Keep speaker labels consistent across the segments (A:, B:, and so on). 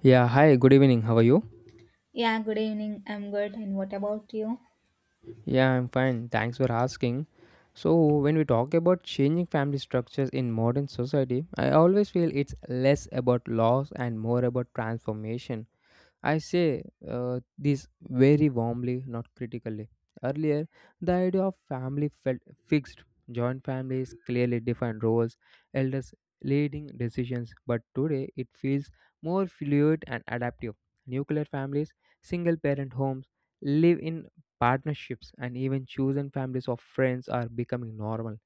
A: Yeah, hi, good evening. How are you?
B: Yeah, good evening. I'm good. And what about you?
A: Yeah, I'm fine. Thanks for asking. So, when we talk about changing family structures in modern society, I always feel it's less about loss and more about transformation. I say this very warmly, not critically. Earlier, the idea of family felt fixed. Joint families clearly defined roles, elders leading decisions, but today it feels more fluid and adaptive. Nuclear families, single parent homes, live in partnerships, and even chosen families of friends are becoming normal.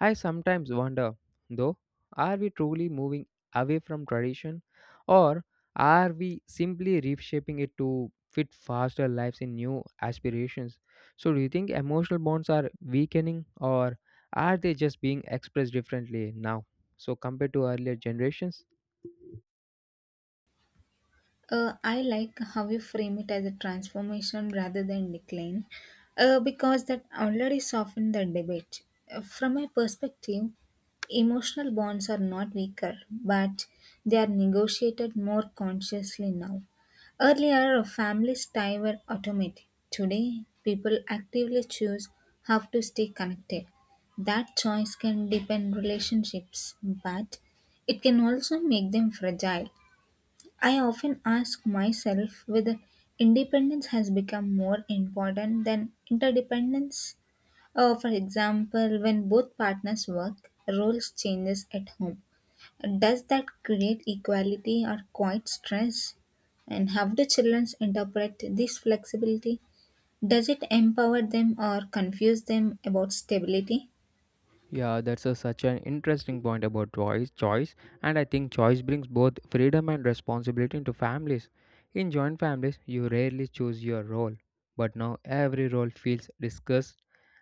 A: I sometimes wonder, though, are we truly moving away from tradition, or are we simply reshaping it to fit faster lives in new aspirations? So, do you think emotional bonds are weakening, or are they just being expressed differently now? So, compared to earlier generations?
B: I like how you frame it as a transformation rather than decline, because that already softened the debate. From my perspective, emotional bonds are not weaker, but they are negotiated more consciously now. Earlier, families' ties were automatic. Today, people actively choose how to stay connected. That choice can deepen relationships, but it can also make them fragile. I often ask myself whether independence has become more important than interdependence. For example, when both partners work, roles changes at home. Does that create equality or quite stress? And how do children interpret this flexibility? Does it empower them or confuse them about stability?
A: Yeah, that's a, such an interesting point about choice, and I think choice brings both freedom and responsibility into families. In joint families, you rarely choose your role, but now every role feels discussed,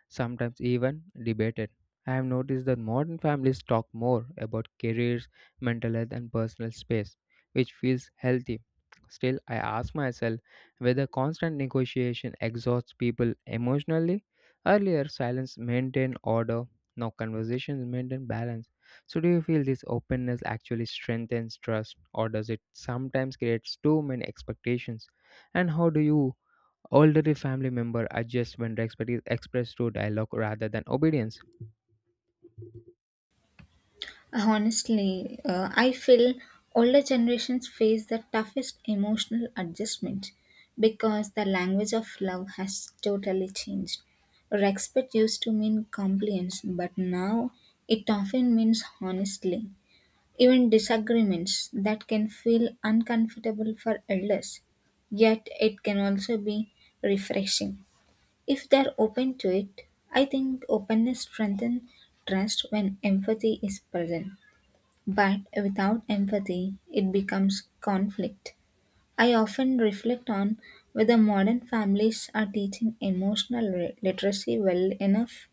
A: sometimes even debated. I have noticed that modern families talk more about careers, mental health, and personal space, which feels healthy. Still, I ask myself whether constant negotiation exhausts people emotionally. Earlier, silence maintained order, now conversations maintain balance. So, do you feel this openness actually strengthens trust, or does it sometimes create too many expectations? And how do you older family member adjust when respect is expressed through dialogue rather than obedience?
B: Honestly, I feel older generations face the toughest emotional adjustment because the language of love has totally changed. Respect used to mean compliance, but now it often means honestly. Even disagreements that can feel uncomfortable for elders, yet it can also be refreshing. If they're open to it, I think openness strengthens trust when empathy is present. But without empathy, it becomes conflict. I often reflect on whether modern families are teaching emotional literacy well enough.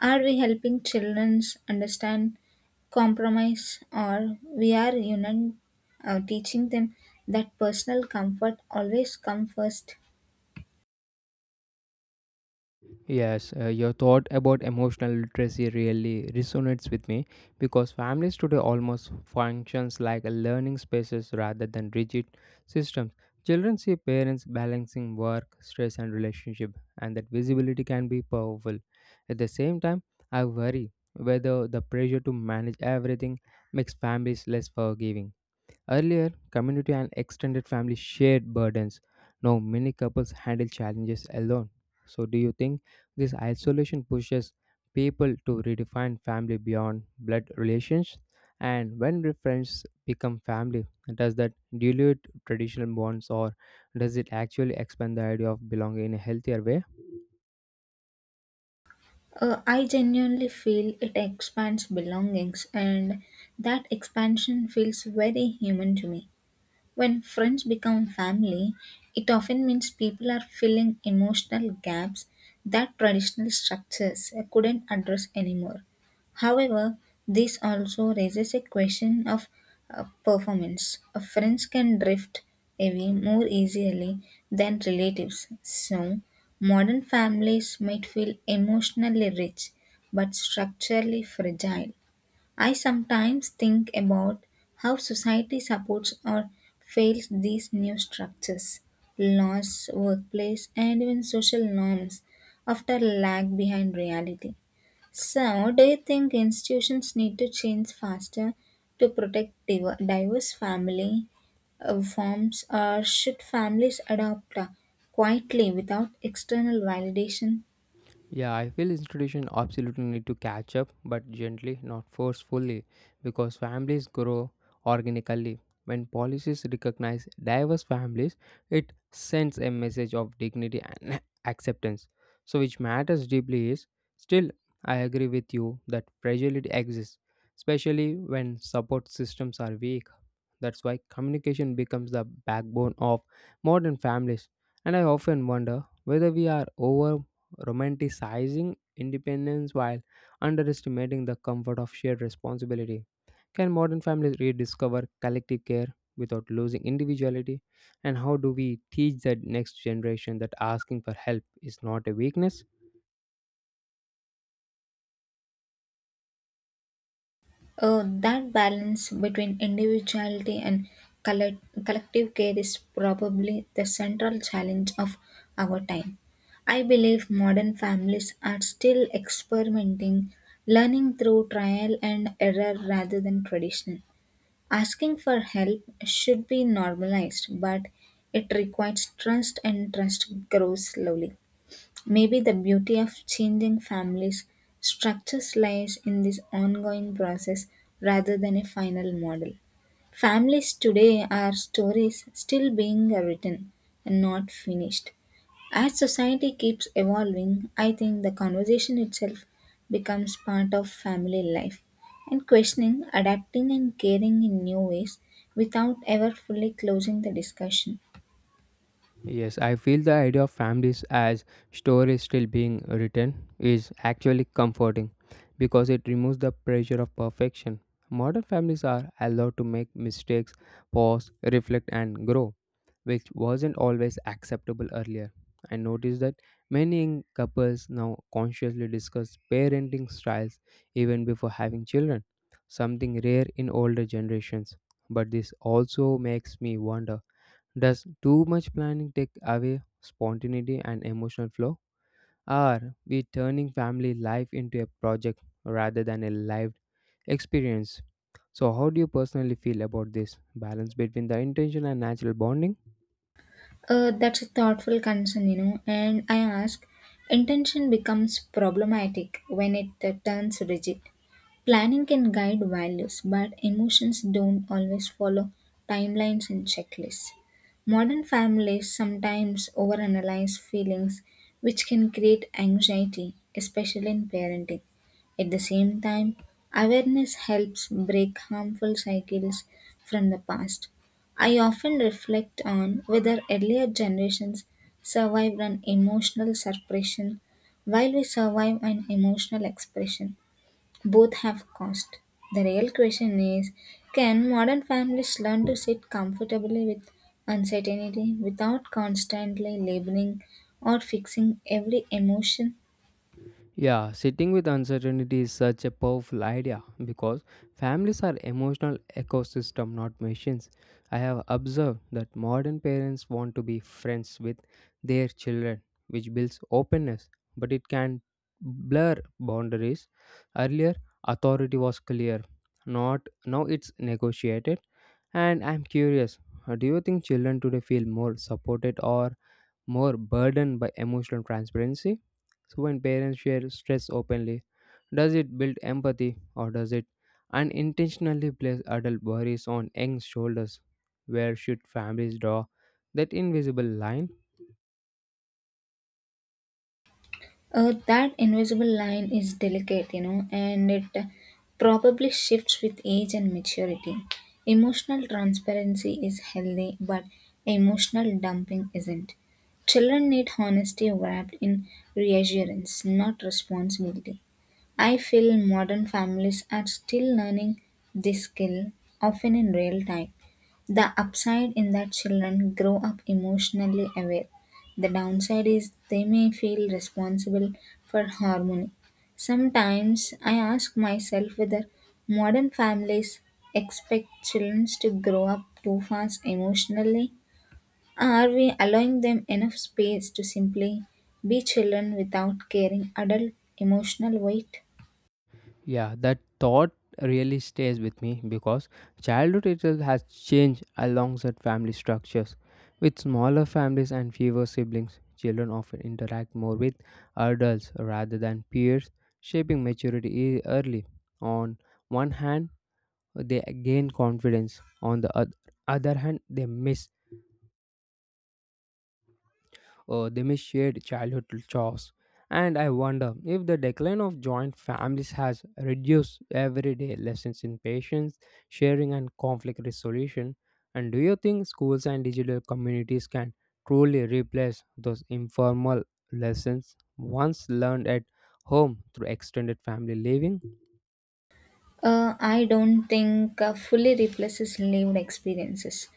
B: Are we helping children understand compromise, or we are teaching them that personal comfort always comes first?
A: Yes, your thought about emotional literacy really resonates with me because families today almost functions like a learning spaces rather than rigid systems. Children see parents balancing work, stress, and relationship, and that visibility can be powerful. At the same time, I worry whether the pressure to manage everything makes families less forgiving. Earlier, community and extended family shared burdens. Now, many couples handle challenges alone. So, do you think this isolation pushes people to redefine family beyond blood relations? And when do friends become family, does that dilute traditional bonds, or does it actually expand the idea of belonging in a healthier way?
B: I genuinely feel it expands belongings, and that expansion feels very human to me. When friends become family, it often means people are filling emotional gaps that traditional structures couldn't address anymore. However, this also raises a question of performance. Friends can drift away more easily than relatives, so modern families might feel emotionally rich but structurally fragile. I sometimes think about how society supports or fails these new structures. Laws, workplace, and even social norms often lag behind reality. So, do you think institutions need to change faster to protect diverse family forms, or should families adopt quietly without external validation?
A: Yeah, I feel institution absolutely need to catch up, but gently, not forcefully, because families grow organically. When policies recognize diverse families, it sends a message of dignity and acceptance. So, which matters deeply is still, I agree with you that fragility exists, especially when support systems are weak. That's why communication becomes the backbone of modern families. And I often wonder whether we are over romanticizing independence while underestimating the comfort of shared responsibility. Can modern families rediscover collective care without losing individuality? And how do we teach the next generation that asking for help is not a weakness?
B: That balance between individuality and collective care is probably the central challenge of our time. I believe modern families are still experimenting, learning through trial and error rather than tradition. Asking for help should be normalized, but it requires trust, and trust grows slowly. Maybe the beauty of changing families' structures lies in this ongoing process rather than a final model. Families today are stories still being written and not finished. As society keeps evolving, I think the conversation itself becomes part of family life and questioning, adapting, and caring in new ways without ever fully closing the discussion.
A: Yes, I feel the idea of families as stories still being written is actually comforting because it removes the pressure of perfection. Modern families are allowed to make mistakes, pause, reflect, and grow, which wasn't always acceptable earlier. I noticed that many young couples now consciously discuss parenting styles even before having children, something rare in older generations. But this also makes me wonder, does too much planning take away spontaneity and emotional flow? Are we turning family life into a project rather than a lived experience? So, how do you personally feel about this balance between the intention and natural bonding?
B: That's a thoughtful concern, you know. And I ask, intention becomes problematic when it turns rigid. Planning can guide values, but emotions don't always follow timelines and checklists. Modern families sometimes overanalyze feelings, which can create anxiety, especially in parenting. At the same time, awareness helps break harmful cycles from the past. I often reflect on whether earlier generations survived an emotional suppression, while we survive an emotional expression. Both have cost. The real question is can modern families learn to sit comfortably with uncertainty without constantly labeling or fixing every emotion?
A: Yeah, sitting with uncertainty is such a powerful idea because families are emotional ecosystem not machines. I have observed that modern parents want to be friends with their children, which builds openness but it can blur boundaries. Earlier authority was clear, not now it's negotiated, and I'm curious, do you think children today feel more supported or more burdened by emotional transparency? So, when parents share stress openly, does it build empathy, or does it unintentionally place adult worries on young shoulders? Where should families draw that invisible line?
B: That invisible line is delicate, you know, and it probably shifts with age and maturity. Emotional transparency is healthy, but emotional dumping isn't. Children need honesty wrapped in reassurance, not responsibility. I feel modern families are still learning this skill, often in real time. The upside in that children grow up emotionally aware. The downside is they may feel responsible for harmony. Sometimes I ask myself whether modern families expect children to grow up too fast emotionally. Are we allowing them enough space to simply be children without carrying adult emotional weight?
A: Yeah, that thought really stays with me because childhood itself has changed alongside family structures. With smaller families and fewer siblings, children often interact more with adults rather than peers, shaping maturity early. On one hand, they gain confidence, on the other hand, they miss shared childhood chores. And I wonder if the decline of joint families has reduced everyday lessons in patience, sharing, and conflict resolution. And do you think schools and digital communities can truly replace those informal lessons once learned at home through extended family living?
B: I don't think fully replaces lived experiences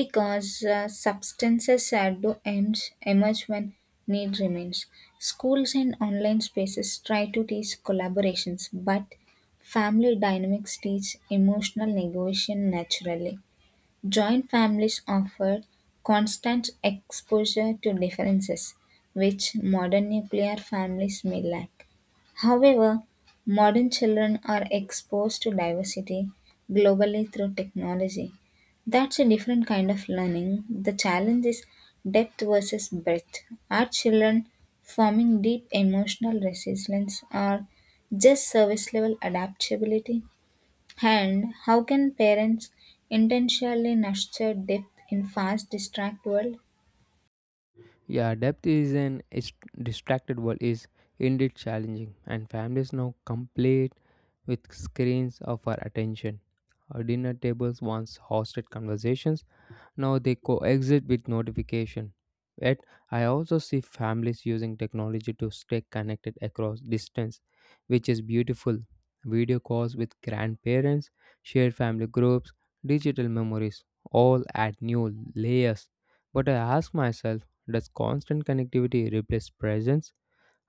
B: because substances at the ends emerge when need remains. Schools and online spaces try to teach collaborations, but family dynamics teach emotional negotiation naturally. Joint families offer constant exposure to differences, which modern nuclear families may lack. However, modern children are exposed to diversity globally through technology. That's a different kind of learning. The challenge is depth versus breadth. Are children forming deep emotional resilience or just service level adaptability? And how can parents intentionally nurture depth in fast, distract world?
A: Yeah, depth is distracted world is indeed challenging, and families now complete with screens of our attention. Our dinner tables once hosted conversations, now they coexist with notification. Yet, I also see families using technology to stay connected across distance, which is beautiful. Video calls with grandparents, shared family groups, digital memories, all add new layers. But I ask myself, does constant connectivity replace presence?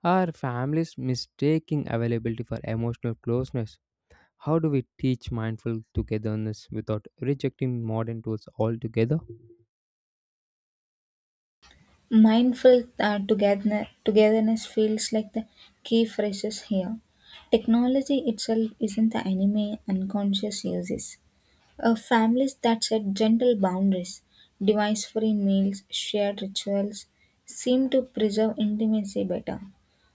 A: Are families mistaking availability for emotional closeness? How do we teach mindful togetherness without rejecting modern tools altogether?
B: Mindful togetherness feels like the key phrases here. Technology itself isn't the enemy; unconscious uses. Families that set gentle boundaries, device free meals, shared rituals seem to preserve intimacy better.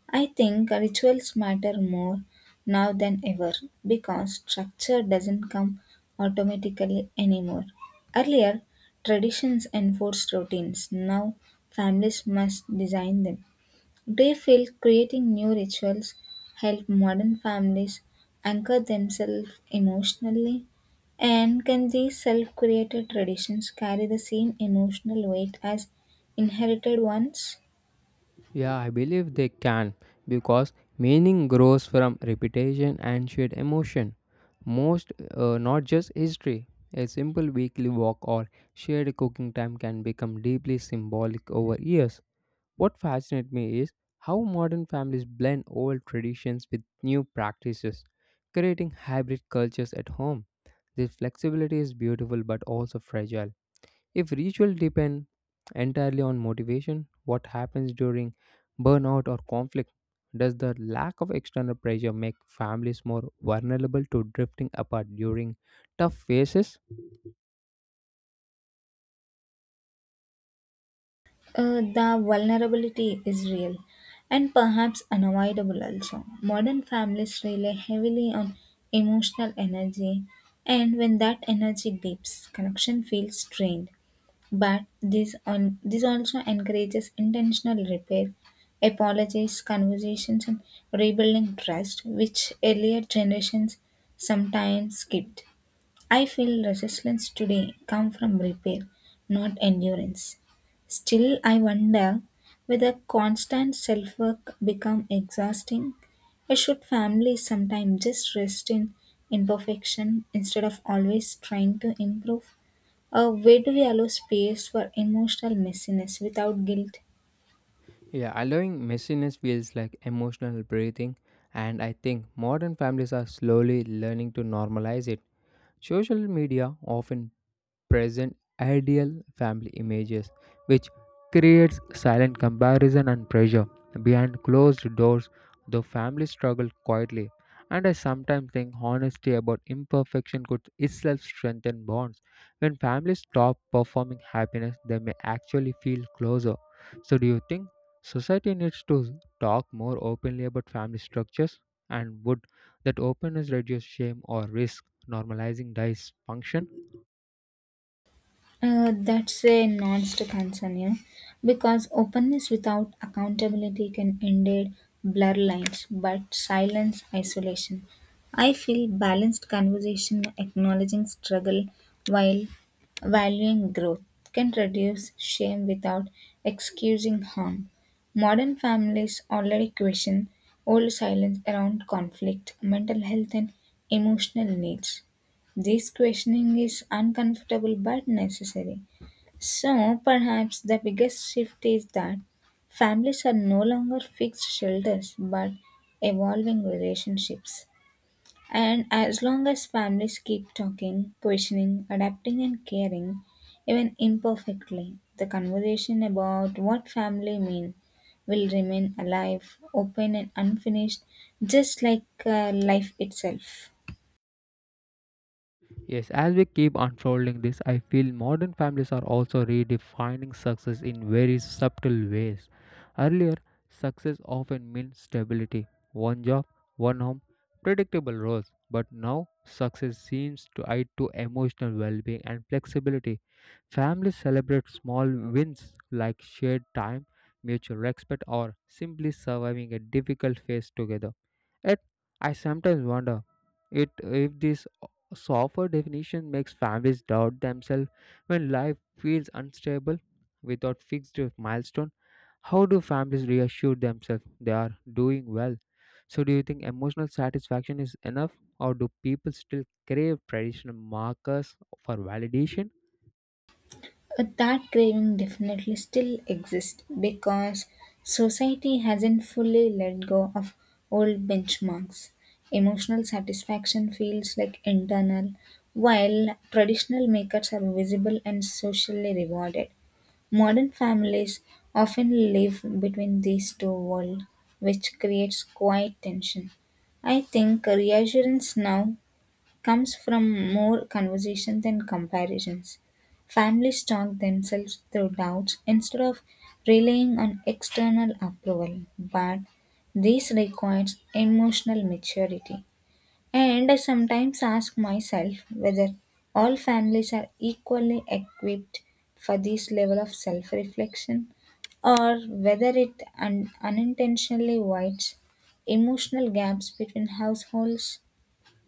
B: I think rituals matter more now than ever because structure doesn't come automatically anymore. Earlier, traditions enforced routines, now, families must design them. They feel creating new rituals help modern families anchor themselves emotionally. And can these self created traditions carry the same emotional weight as inherited ones?
A: Yeah, I believe they can because meaning grows from repetition and shared emotion. Most, not just history. A simple weekly walk or shared cooking time can become deeply symbolic over years. What fascinates me is how modern families blend old traditions with new practices, creating hybrid cultures at home. This flexibility is beautiful but also fragile. If ritual depend entirely on motivation, what happens during burnout or conflict? Does the lack of external pressure make families more vulnerable to drifting apart during tough phases?
B: The vulnerability is real and perhaps unavoidable also. Modern families rely heavily on emotional energy, and when that energy dips, connection feels strained. But this also encourages intentional repair, apologies, conversations, and rebuilding trust, which earlier generations sometimes skipped. I feel resistance today come from repair, not endurance. Still, I wonder whether constant self-work become exhausting, or should families sometimes just rest in imperfection instead of always trying to improve? Where do we allow space for emotional messiness without guilt?
A: Yeah, allowing messiness feels like emotional breathing, and I think modern families are slowly learning to normalize it. Social media often present ideal family images, which creates silent comparison and pressure. Behind closed doors, the family struggle quietly, and I sometimes think honesty about imperfection could itself strengthen bonds. When families stop performing happiness, they may actually feel closer. So, do you think society needs to talk more openly about family structures? And would that openness reduce shame or risk normalizing dysfunction?
B: That's a nuanced concern, yeah, because openness without accountability can indeed blur lines, but silence isolation. I feel balanced conversation acknowledging struggle while valuing growth can reduce shame without excusing harm. Modern families already question old silence around conflict, mental health, and emotional needs. This questioning is uncomfortable but necessary. So, perhaps the biggest shift is that families are no longer fixed shelters but evolving relationships. And as long as families keep talking, questioning, adapting, and caring, even imperfectly, the conversation about what family mean will remain alive, open, and unfinished, just like life itself.
A: Yes, as we keep unfolding this, I feel modern families are also redefining success in very subtle ways. Earlier, success often meant stability, one job, one home, predictable roles. But now, success seems tied to emotional well being and flexibility. Families celebrate small wins like shared time, mutual respect, or simply surviving a difficult phase together. Yet, I sometimes wonder it if this softer definition makes families doubt themselves when life feels unstable without fixed milestone. How do families reassure themselves they are doing well? So, do you think emotional satisfaction is enough, or do people still crave traditional markers for validation?
B: But that craving definitely still exists because society hasn't fully let go of old benchmarks. Emotional satisfaction feels like internal, while traditional makeups are visible and socially rewarded. Modern families often live between these two worlds, which creates quiet tension. I think reassurance now comes from more conversation than comparisons. Families talk themselves through doubts instead of relying on external approval, but this requires emotional maturity. And I sometimes ask myself whether all families are equally equipped for this level of self reflection or whether it unintentionally wides emotional gaps between households.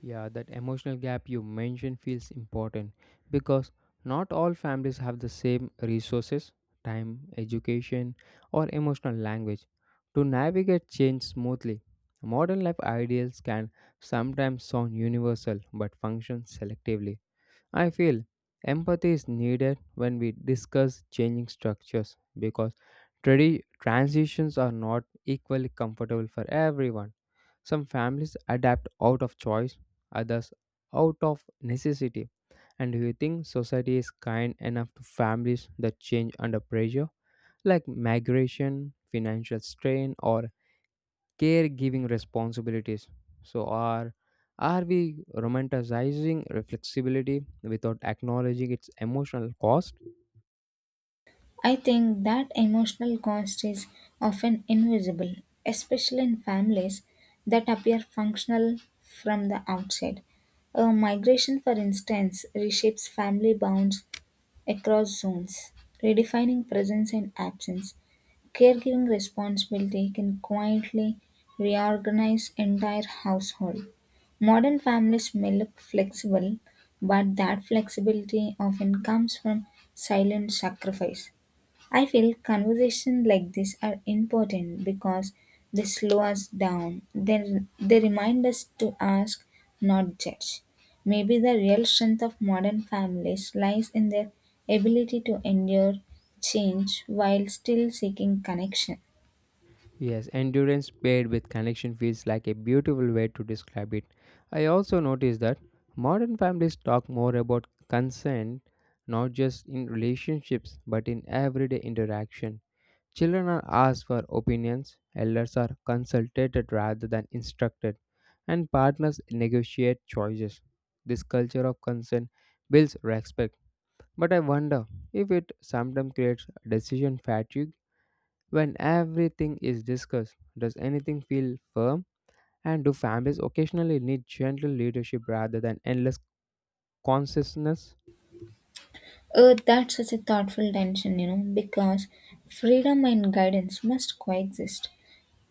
A: Yeah, that emotional gap you mentioned feels important because not all families have the same resources, time, education, or emotional language to navigate change smoothly. Modern life ideals can sometimes sound universal but function selectively. I feel empathy is needed when we discuss changing structures because transitions are not equally comfortable for everyone. Some families adapt out of choice, others out of necessity. And do you think society is kind enough to families that change under pressure, like migration, financial strain, or caregiving responsibilities? So, are we romanticizing flexibility without acknowledging its emotional cost?
B: I think that emotional cost is often invisible, especially in families that appear functional from the outside. A migration, for instance, reshapes family bonds across zones, redefining presence and absence. Caregiving responsibility can quietly reorganize entire household. Modern families may look flexible, but that flexibility often comes from silent sacrifice. I feel conversations like this are important because they slow us down. They remind us to ask, not judge. Maybe the real strength of modern families lies in their ability to endure change while still seeking connection.
A: Yes, endurance paired with connection feels like a beautiful way to describe it. I also noticed that modern families talk more about consent, not just in relationships but in everyday interaction. Children are asked for opinions, elders are consulted rather than instructed, and partners negotiate choices. This culture of consent builds respect, but I wonder if it sometimes creates decision fatigue. When everything is discussed, does anything feel firm? And do families occasionally need gentle leadership rather than endless consciousness?
B: Oh, that's such a thoughtful tension, you know, because freedom and guidance must coexist.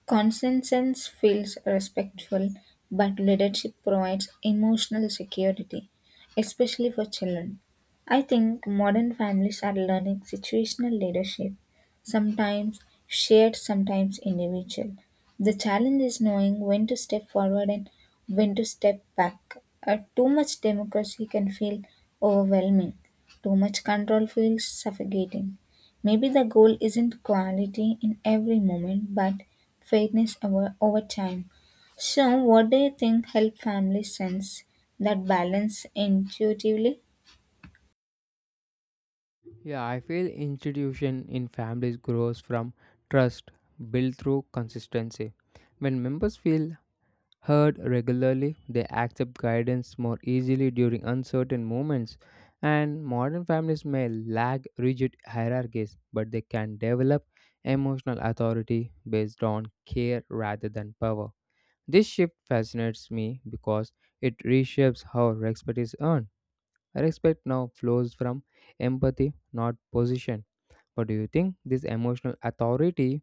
B: Consensus feels respectful, but leadership provides emotional security, especially for children. I think modern families are learning situational leadership, sometimes shared, sometimes individual. The challenge is knowing when to step forward and when to step back. Too much democracy can feel overwhelming, too much control feels suffocating. Maybe the goal isn't quality in every moment, but fairness over time. So, what do you think help families sense that balance intuitively?
A: Yeah, I feel institution in families grows from trust built through consistency. When members feel heard regularly, they accept guidance more easily during uncertain moments, and modern families may lack rigid hierarchies, but they can develop emotional authority based on care rather than power. This shift fascinates me because it reshapes how respect is earned. Respect now flows from empathy, not position. But do you think this emotional authority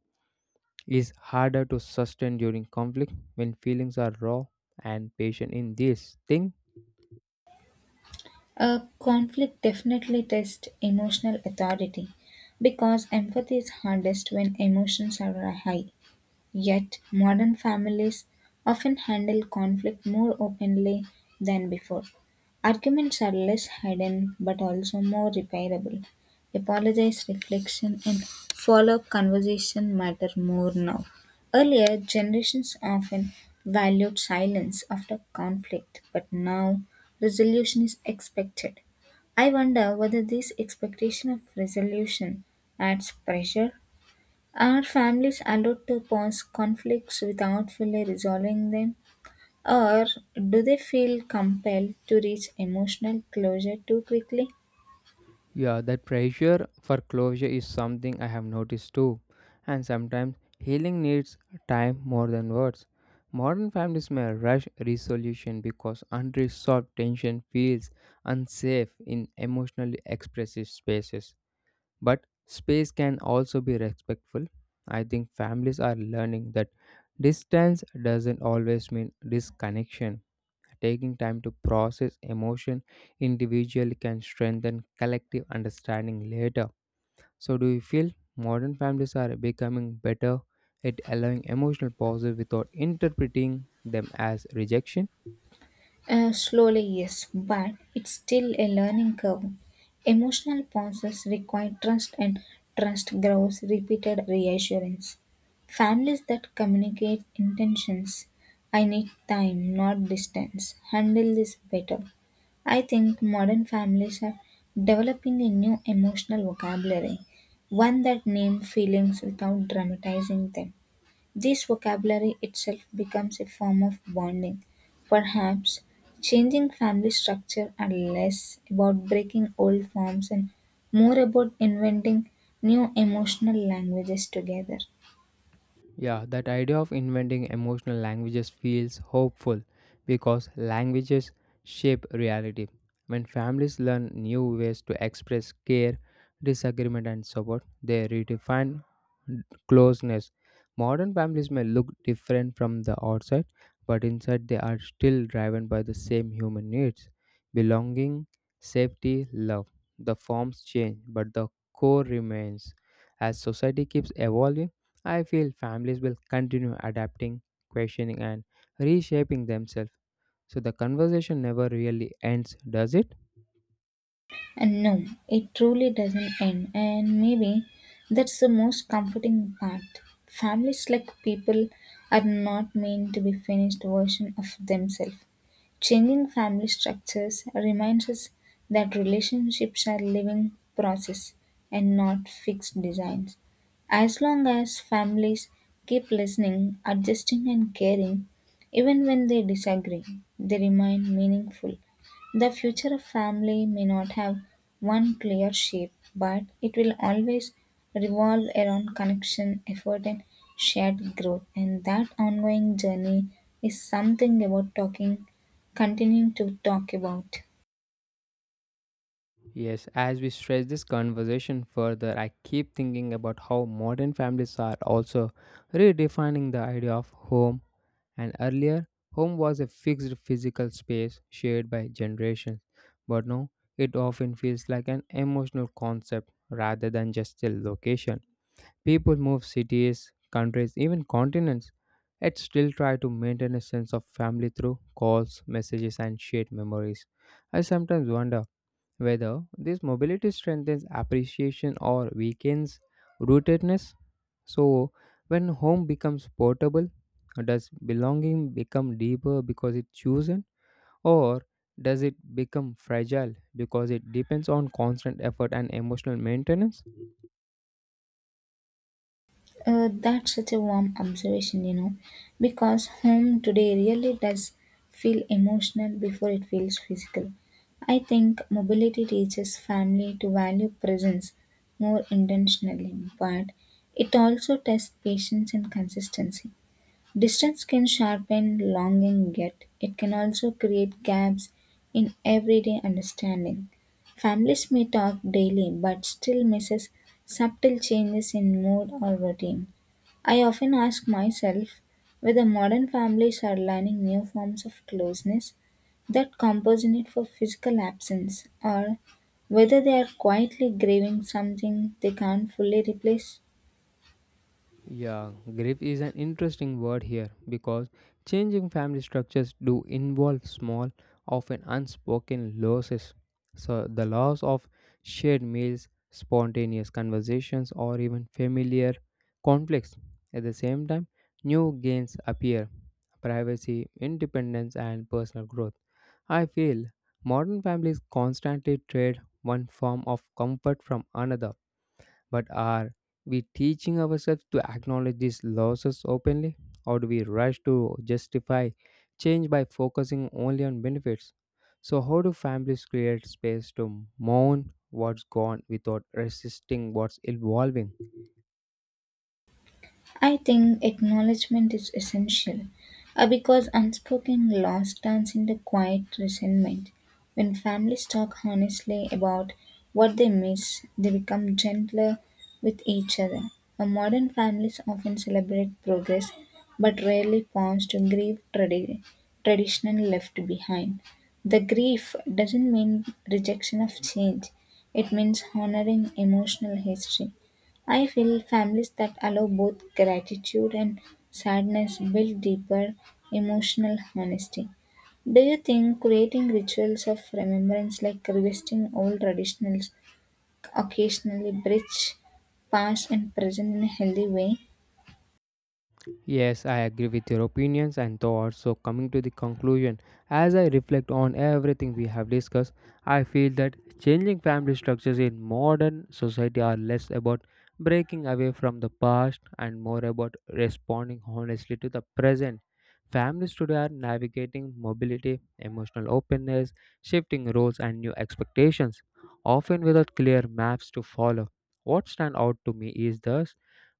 A: is harder to sustain during conflict when feelings are raw and patient in this thing?
B: A conflict definitely tests emotional authority because empathy is hardest when emotions are high. Yet, modern families often handle conflict more openly than before. Arguments are less hidden but also more repairable. Apologize, reflection, and follow up conversation matter more now. Earlier, generations often valued silence after conflict, but now resolution is expected. I wonder whether this expectation of resolution adds pressure are families allowed to pause conflicts without fully resolving them, or do they feel compelled to reach emotional closure too quickly?
A: Yeah, that pressure for closure is something I have noticed too. And sometimes healing needs time more than words. Modern families may rush resolution because unresolved tension feels unsafe in emotionally expressive spaces. But space can also be respectful. I think families are learning that distance doesn't always mean disconnection. Taking time to process emotion individually can strengthen collective understanding later. So, do you feel modern families are becoming better at allowing emotional pauses without interpreting them as rejection?
B: Slowly, yes, but it's still a learning curve. Emotional pauses require trust, and trust grows repeated reassurance. Families that communicate intentions, I need time, not distance, handle this better, I think modern families are developing a new emotional vocabulary, one that names feelings without dramatizing them. This vocabulary itself becomes a form of bonding. Perhaps changing family structure are less about breaking old forms and more about inventing new emotional languages together.
A: Yeah, that idea of inventing emotional languages feels hopeful because languages shape reality. When families learn new ways to express care, disagreement, and support, they redefine closeness. Modern families may look different from the outside, but inside they are still driven by the same human needs, belonging, safety, love. The forms change, but the core remains. As society keeps evolving, I feel families will continue adapting, questioning, and reshaping themselves. So the conversation never really ends, does it?
B: And no, it truly doesn't end. And maybe that's the most comforting part. Families like people are not meant to be finished version of themselves. Changing family structures reminds us that relationships are living process and not fixed designs. As long as families keep listening, adjusting and caring, even when they disagree, they remain meaningful the future of family may not have one clear shape, but it will always revolve around connection, effort, and shared growth. And that ongoing journey is something about talking, continuing to talk about.
A: Yes, as we stretch this conversation further, I keep thinking about how modern families are also redefining the idea of home. And earlier, home was a fixed physical space shared by generations. But now, it often feels like an emotional concept rather than just a location. People move cities, countries, even continents, yet still try to maintain a sense of family through calls, messages, and shared memories. I sometimes wonder whether this mobility strengthens appreciation or weakens rootedness. So, when home becomes portable, does belonging become deeper because it's chosen, or does it become fragile because it depends on constant effort and emotional maintenance?
B: That's such a warm observation, you know, because home today really does feel emotional before it feels physical. I think mobility teaches family to value presence more intentionally, but it also tests patience and consistency. Distance can sharpen longing, yet it can also create gaps in everyday understanding. Families may talk daily but still misses subtle changes in mood or routine. I often ask myself whether modern families are learning new forms of closeness that compensate for physical absence, or whether they are quietly grieving something they can't fully replace.
A: Yeah, grief is an interesting word here because changing family structures do involve small, often unspoken losses. So, the loss of shared meals, spontaneous conversations, or even familiar conflicts. At the same time, new gains appear, privacy, independence, and personal growth. I feel modern families constantly trade one form of comfort from another, but are we teaching ourselves to acknowledge these losses openly, or do we rush to justify change by focusing only on benefits? So, how do families create space to mourn what's gone without resisting what's evolving?
B: I think acknowledgement is essential because unspoken loss turns into quiet resentment. When families talk honestly about what they miss, they become gentler with each other. Modern families often celebrate progress but rarely pause to grieve traditional left behind. The grief doesn't mean rejection of change, it means honoring emotional history. I feel families that allow both gratitude and sadness build deeper emotional honesty. Do you think creating rituals of remembrance like revisiting old traditionals occasionally bridge past and present in a healthy way?
A: Yes, I agree with your opinions and thoughts. So, coming to the conclusion, as I reflect on everything we have discussed, I feel that changing family structures in modern society are less about breaking away from the past and more about responding honestly to the present. Families today are navigating mobility, emotional openness, shifting roles, and new expectations, often without clear maps to follow. What stands out to me is thus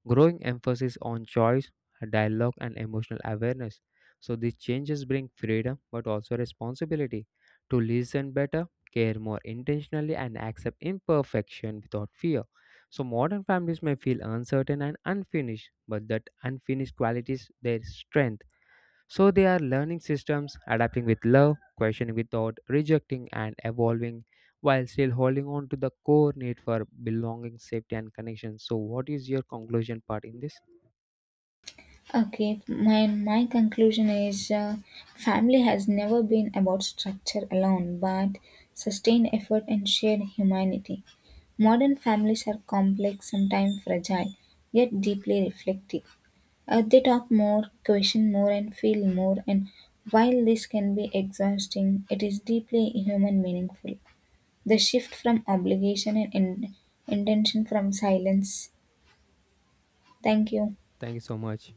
A: growing emphasis on choice, dialogue, and emotional awareness. So these changes bring freedom but also responsibility to listen better, care more intentionally, and accept imperfection without fear. So modern families may feel uncertain and unfinished, but that unfinished quality is their strength. So they are learning systems, adapting with love, questioning without rejecting, and evolving while still holding on to the core need for belonging, safety, and connection. So, what is your conclusion part in this?
B: Okay, my conclusion is family has never been about structure alone, but sustained effort and shared humanity. Modern families are complex, sometimes fragile, yet deeply reflective. They talk more, question more, and feel more. And while this can be exhausting, it is deeply human meaningful. The shift from obligation and intention from silence. Thank you.
A: Thank you so much.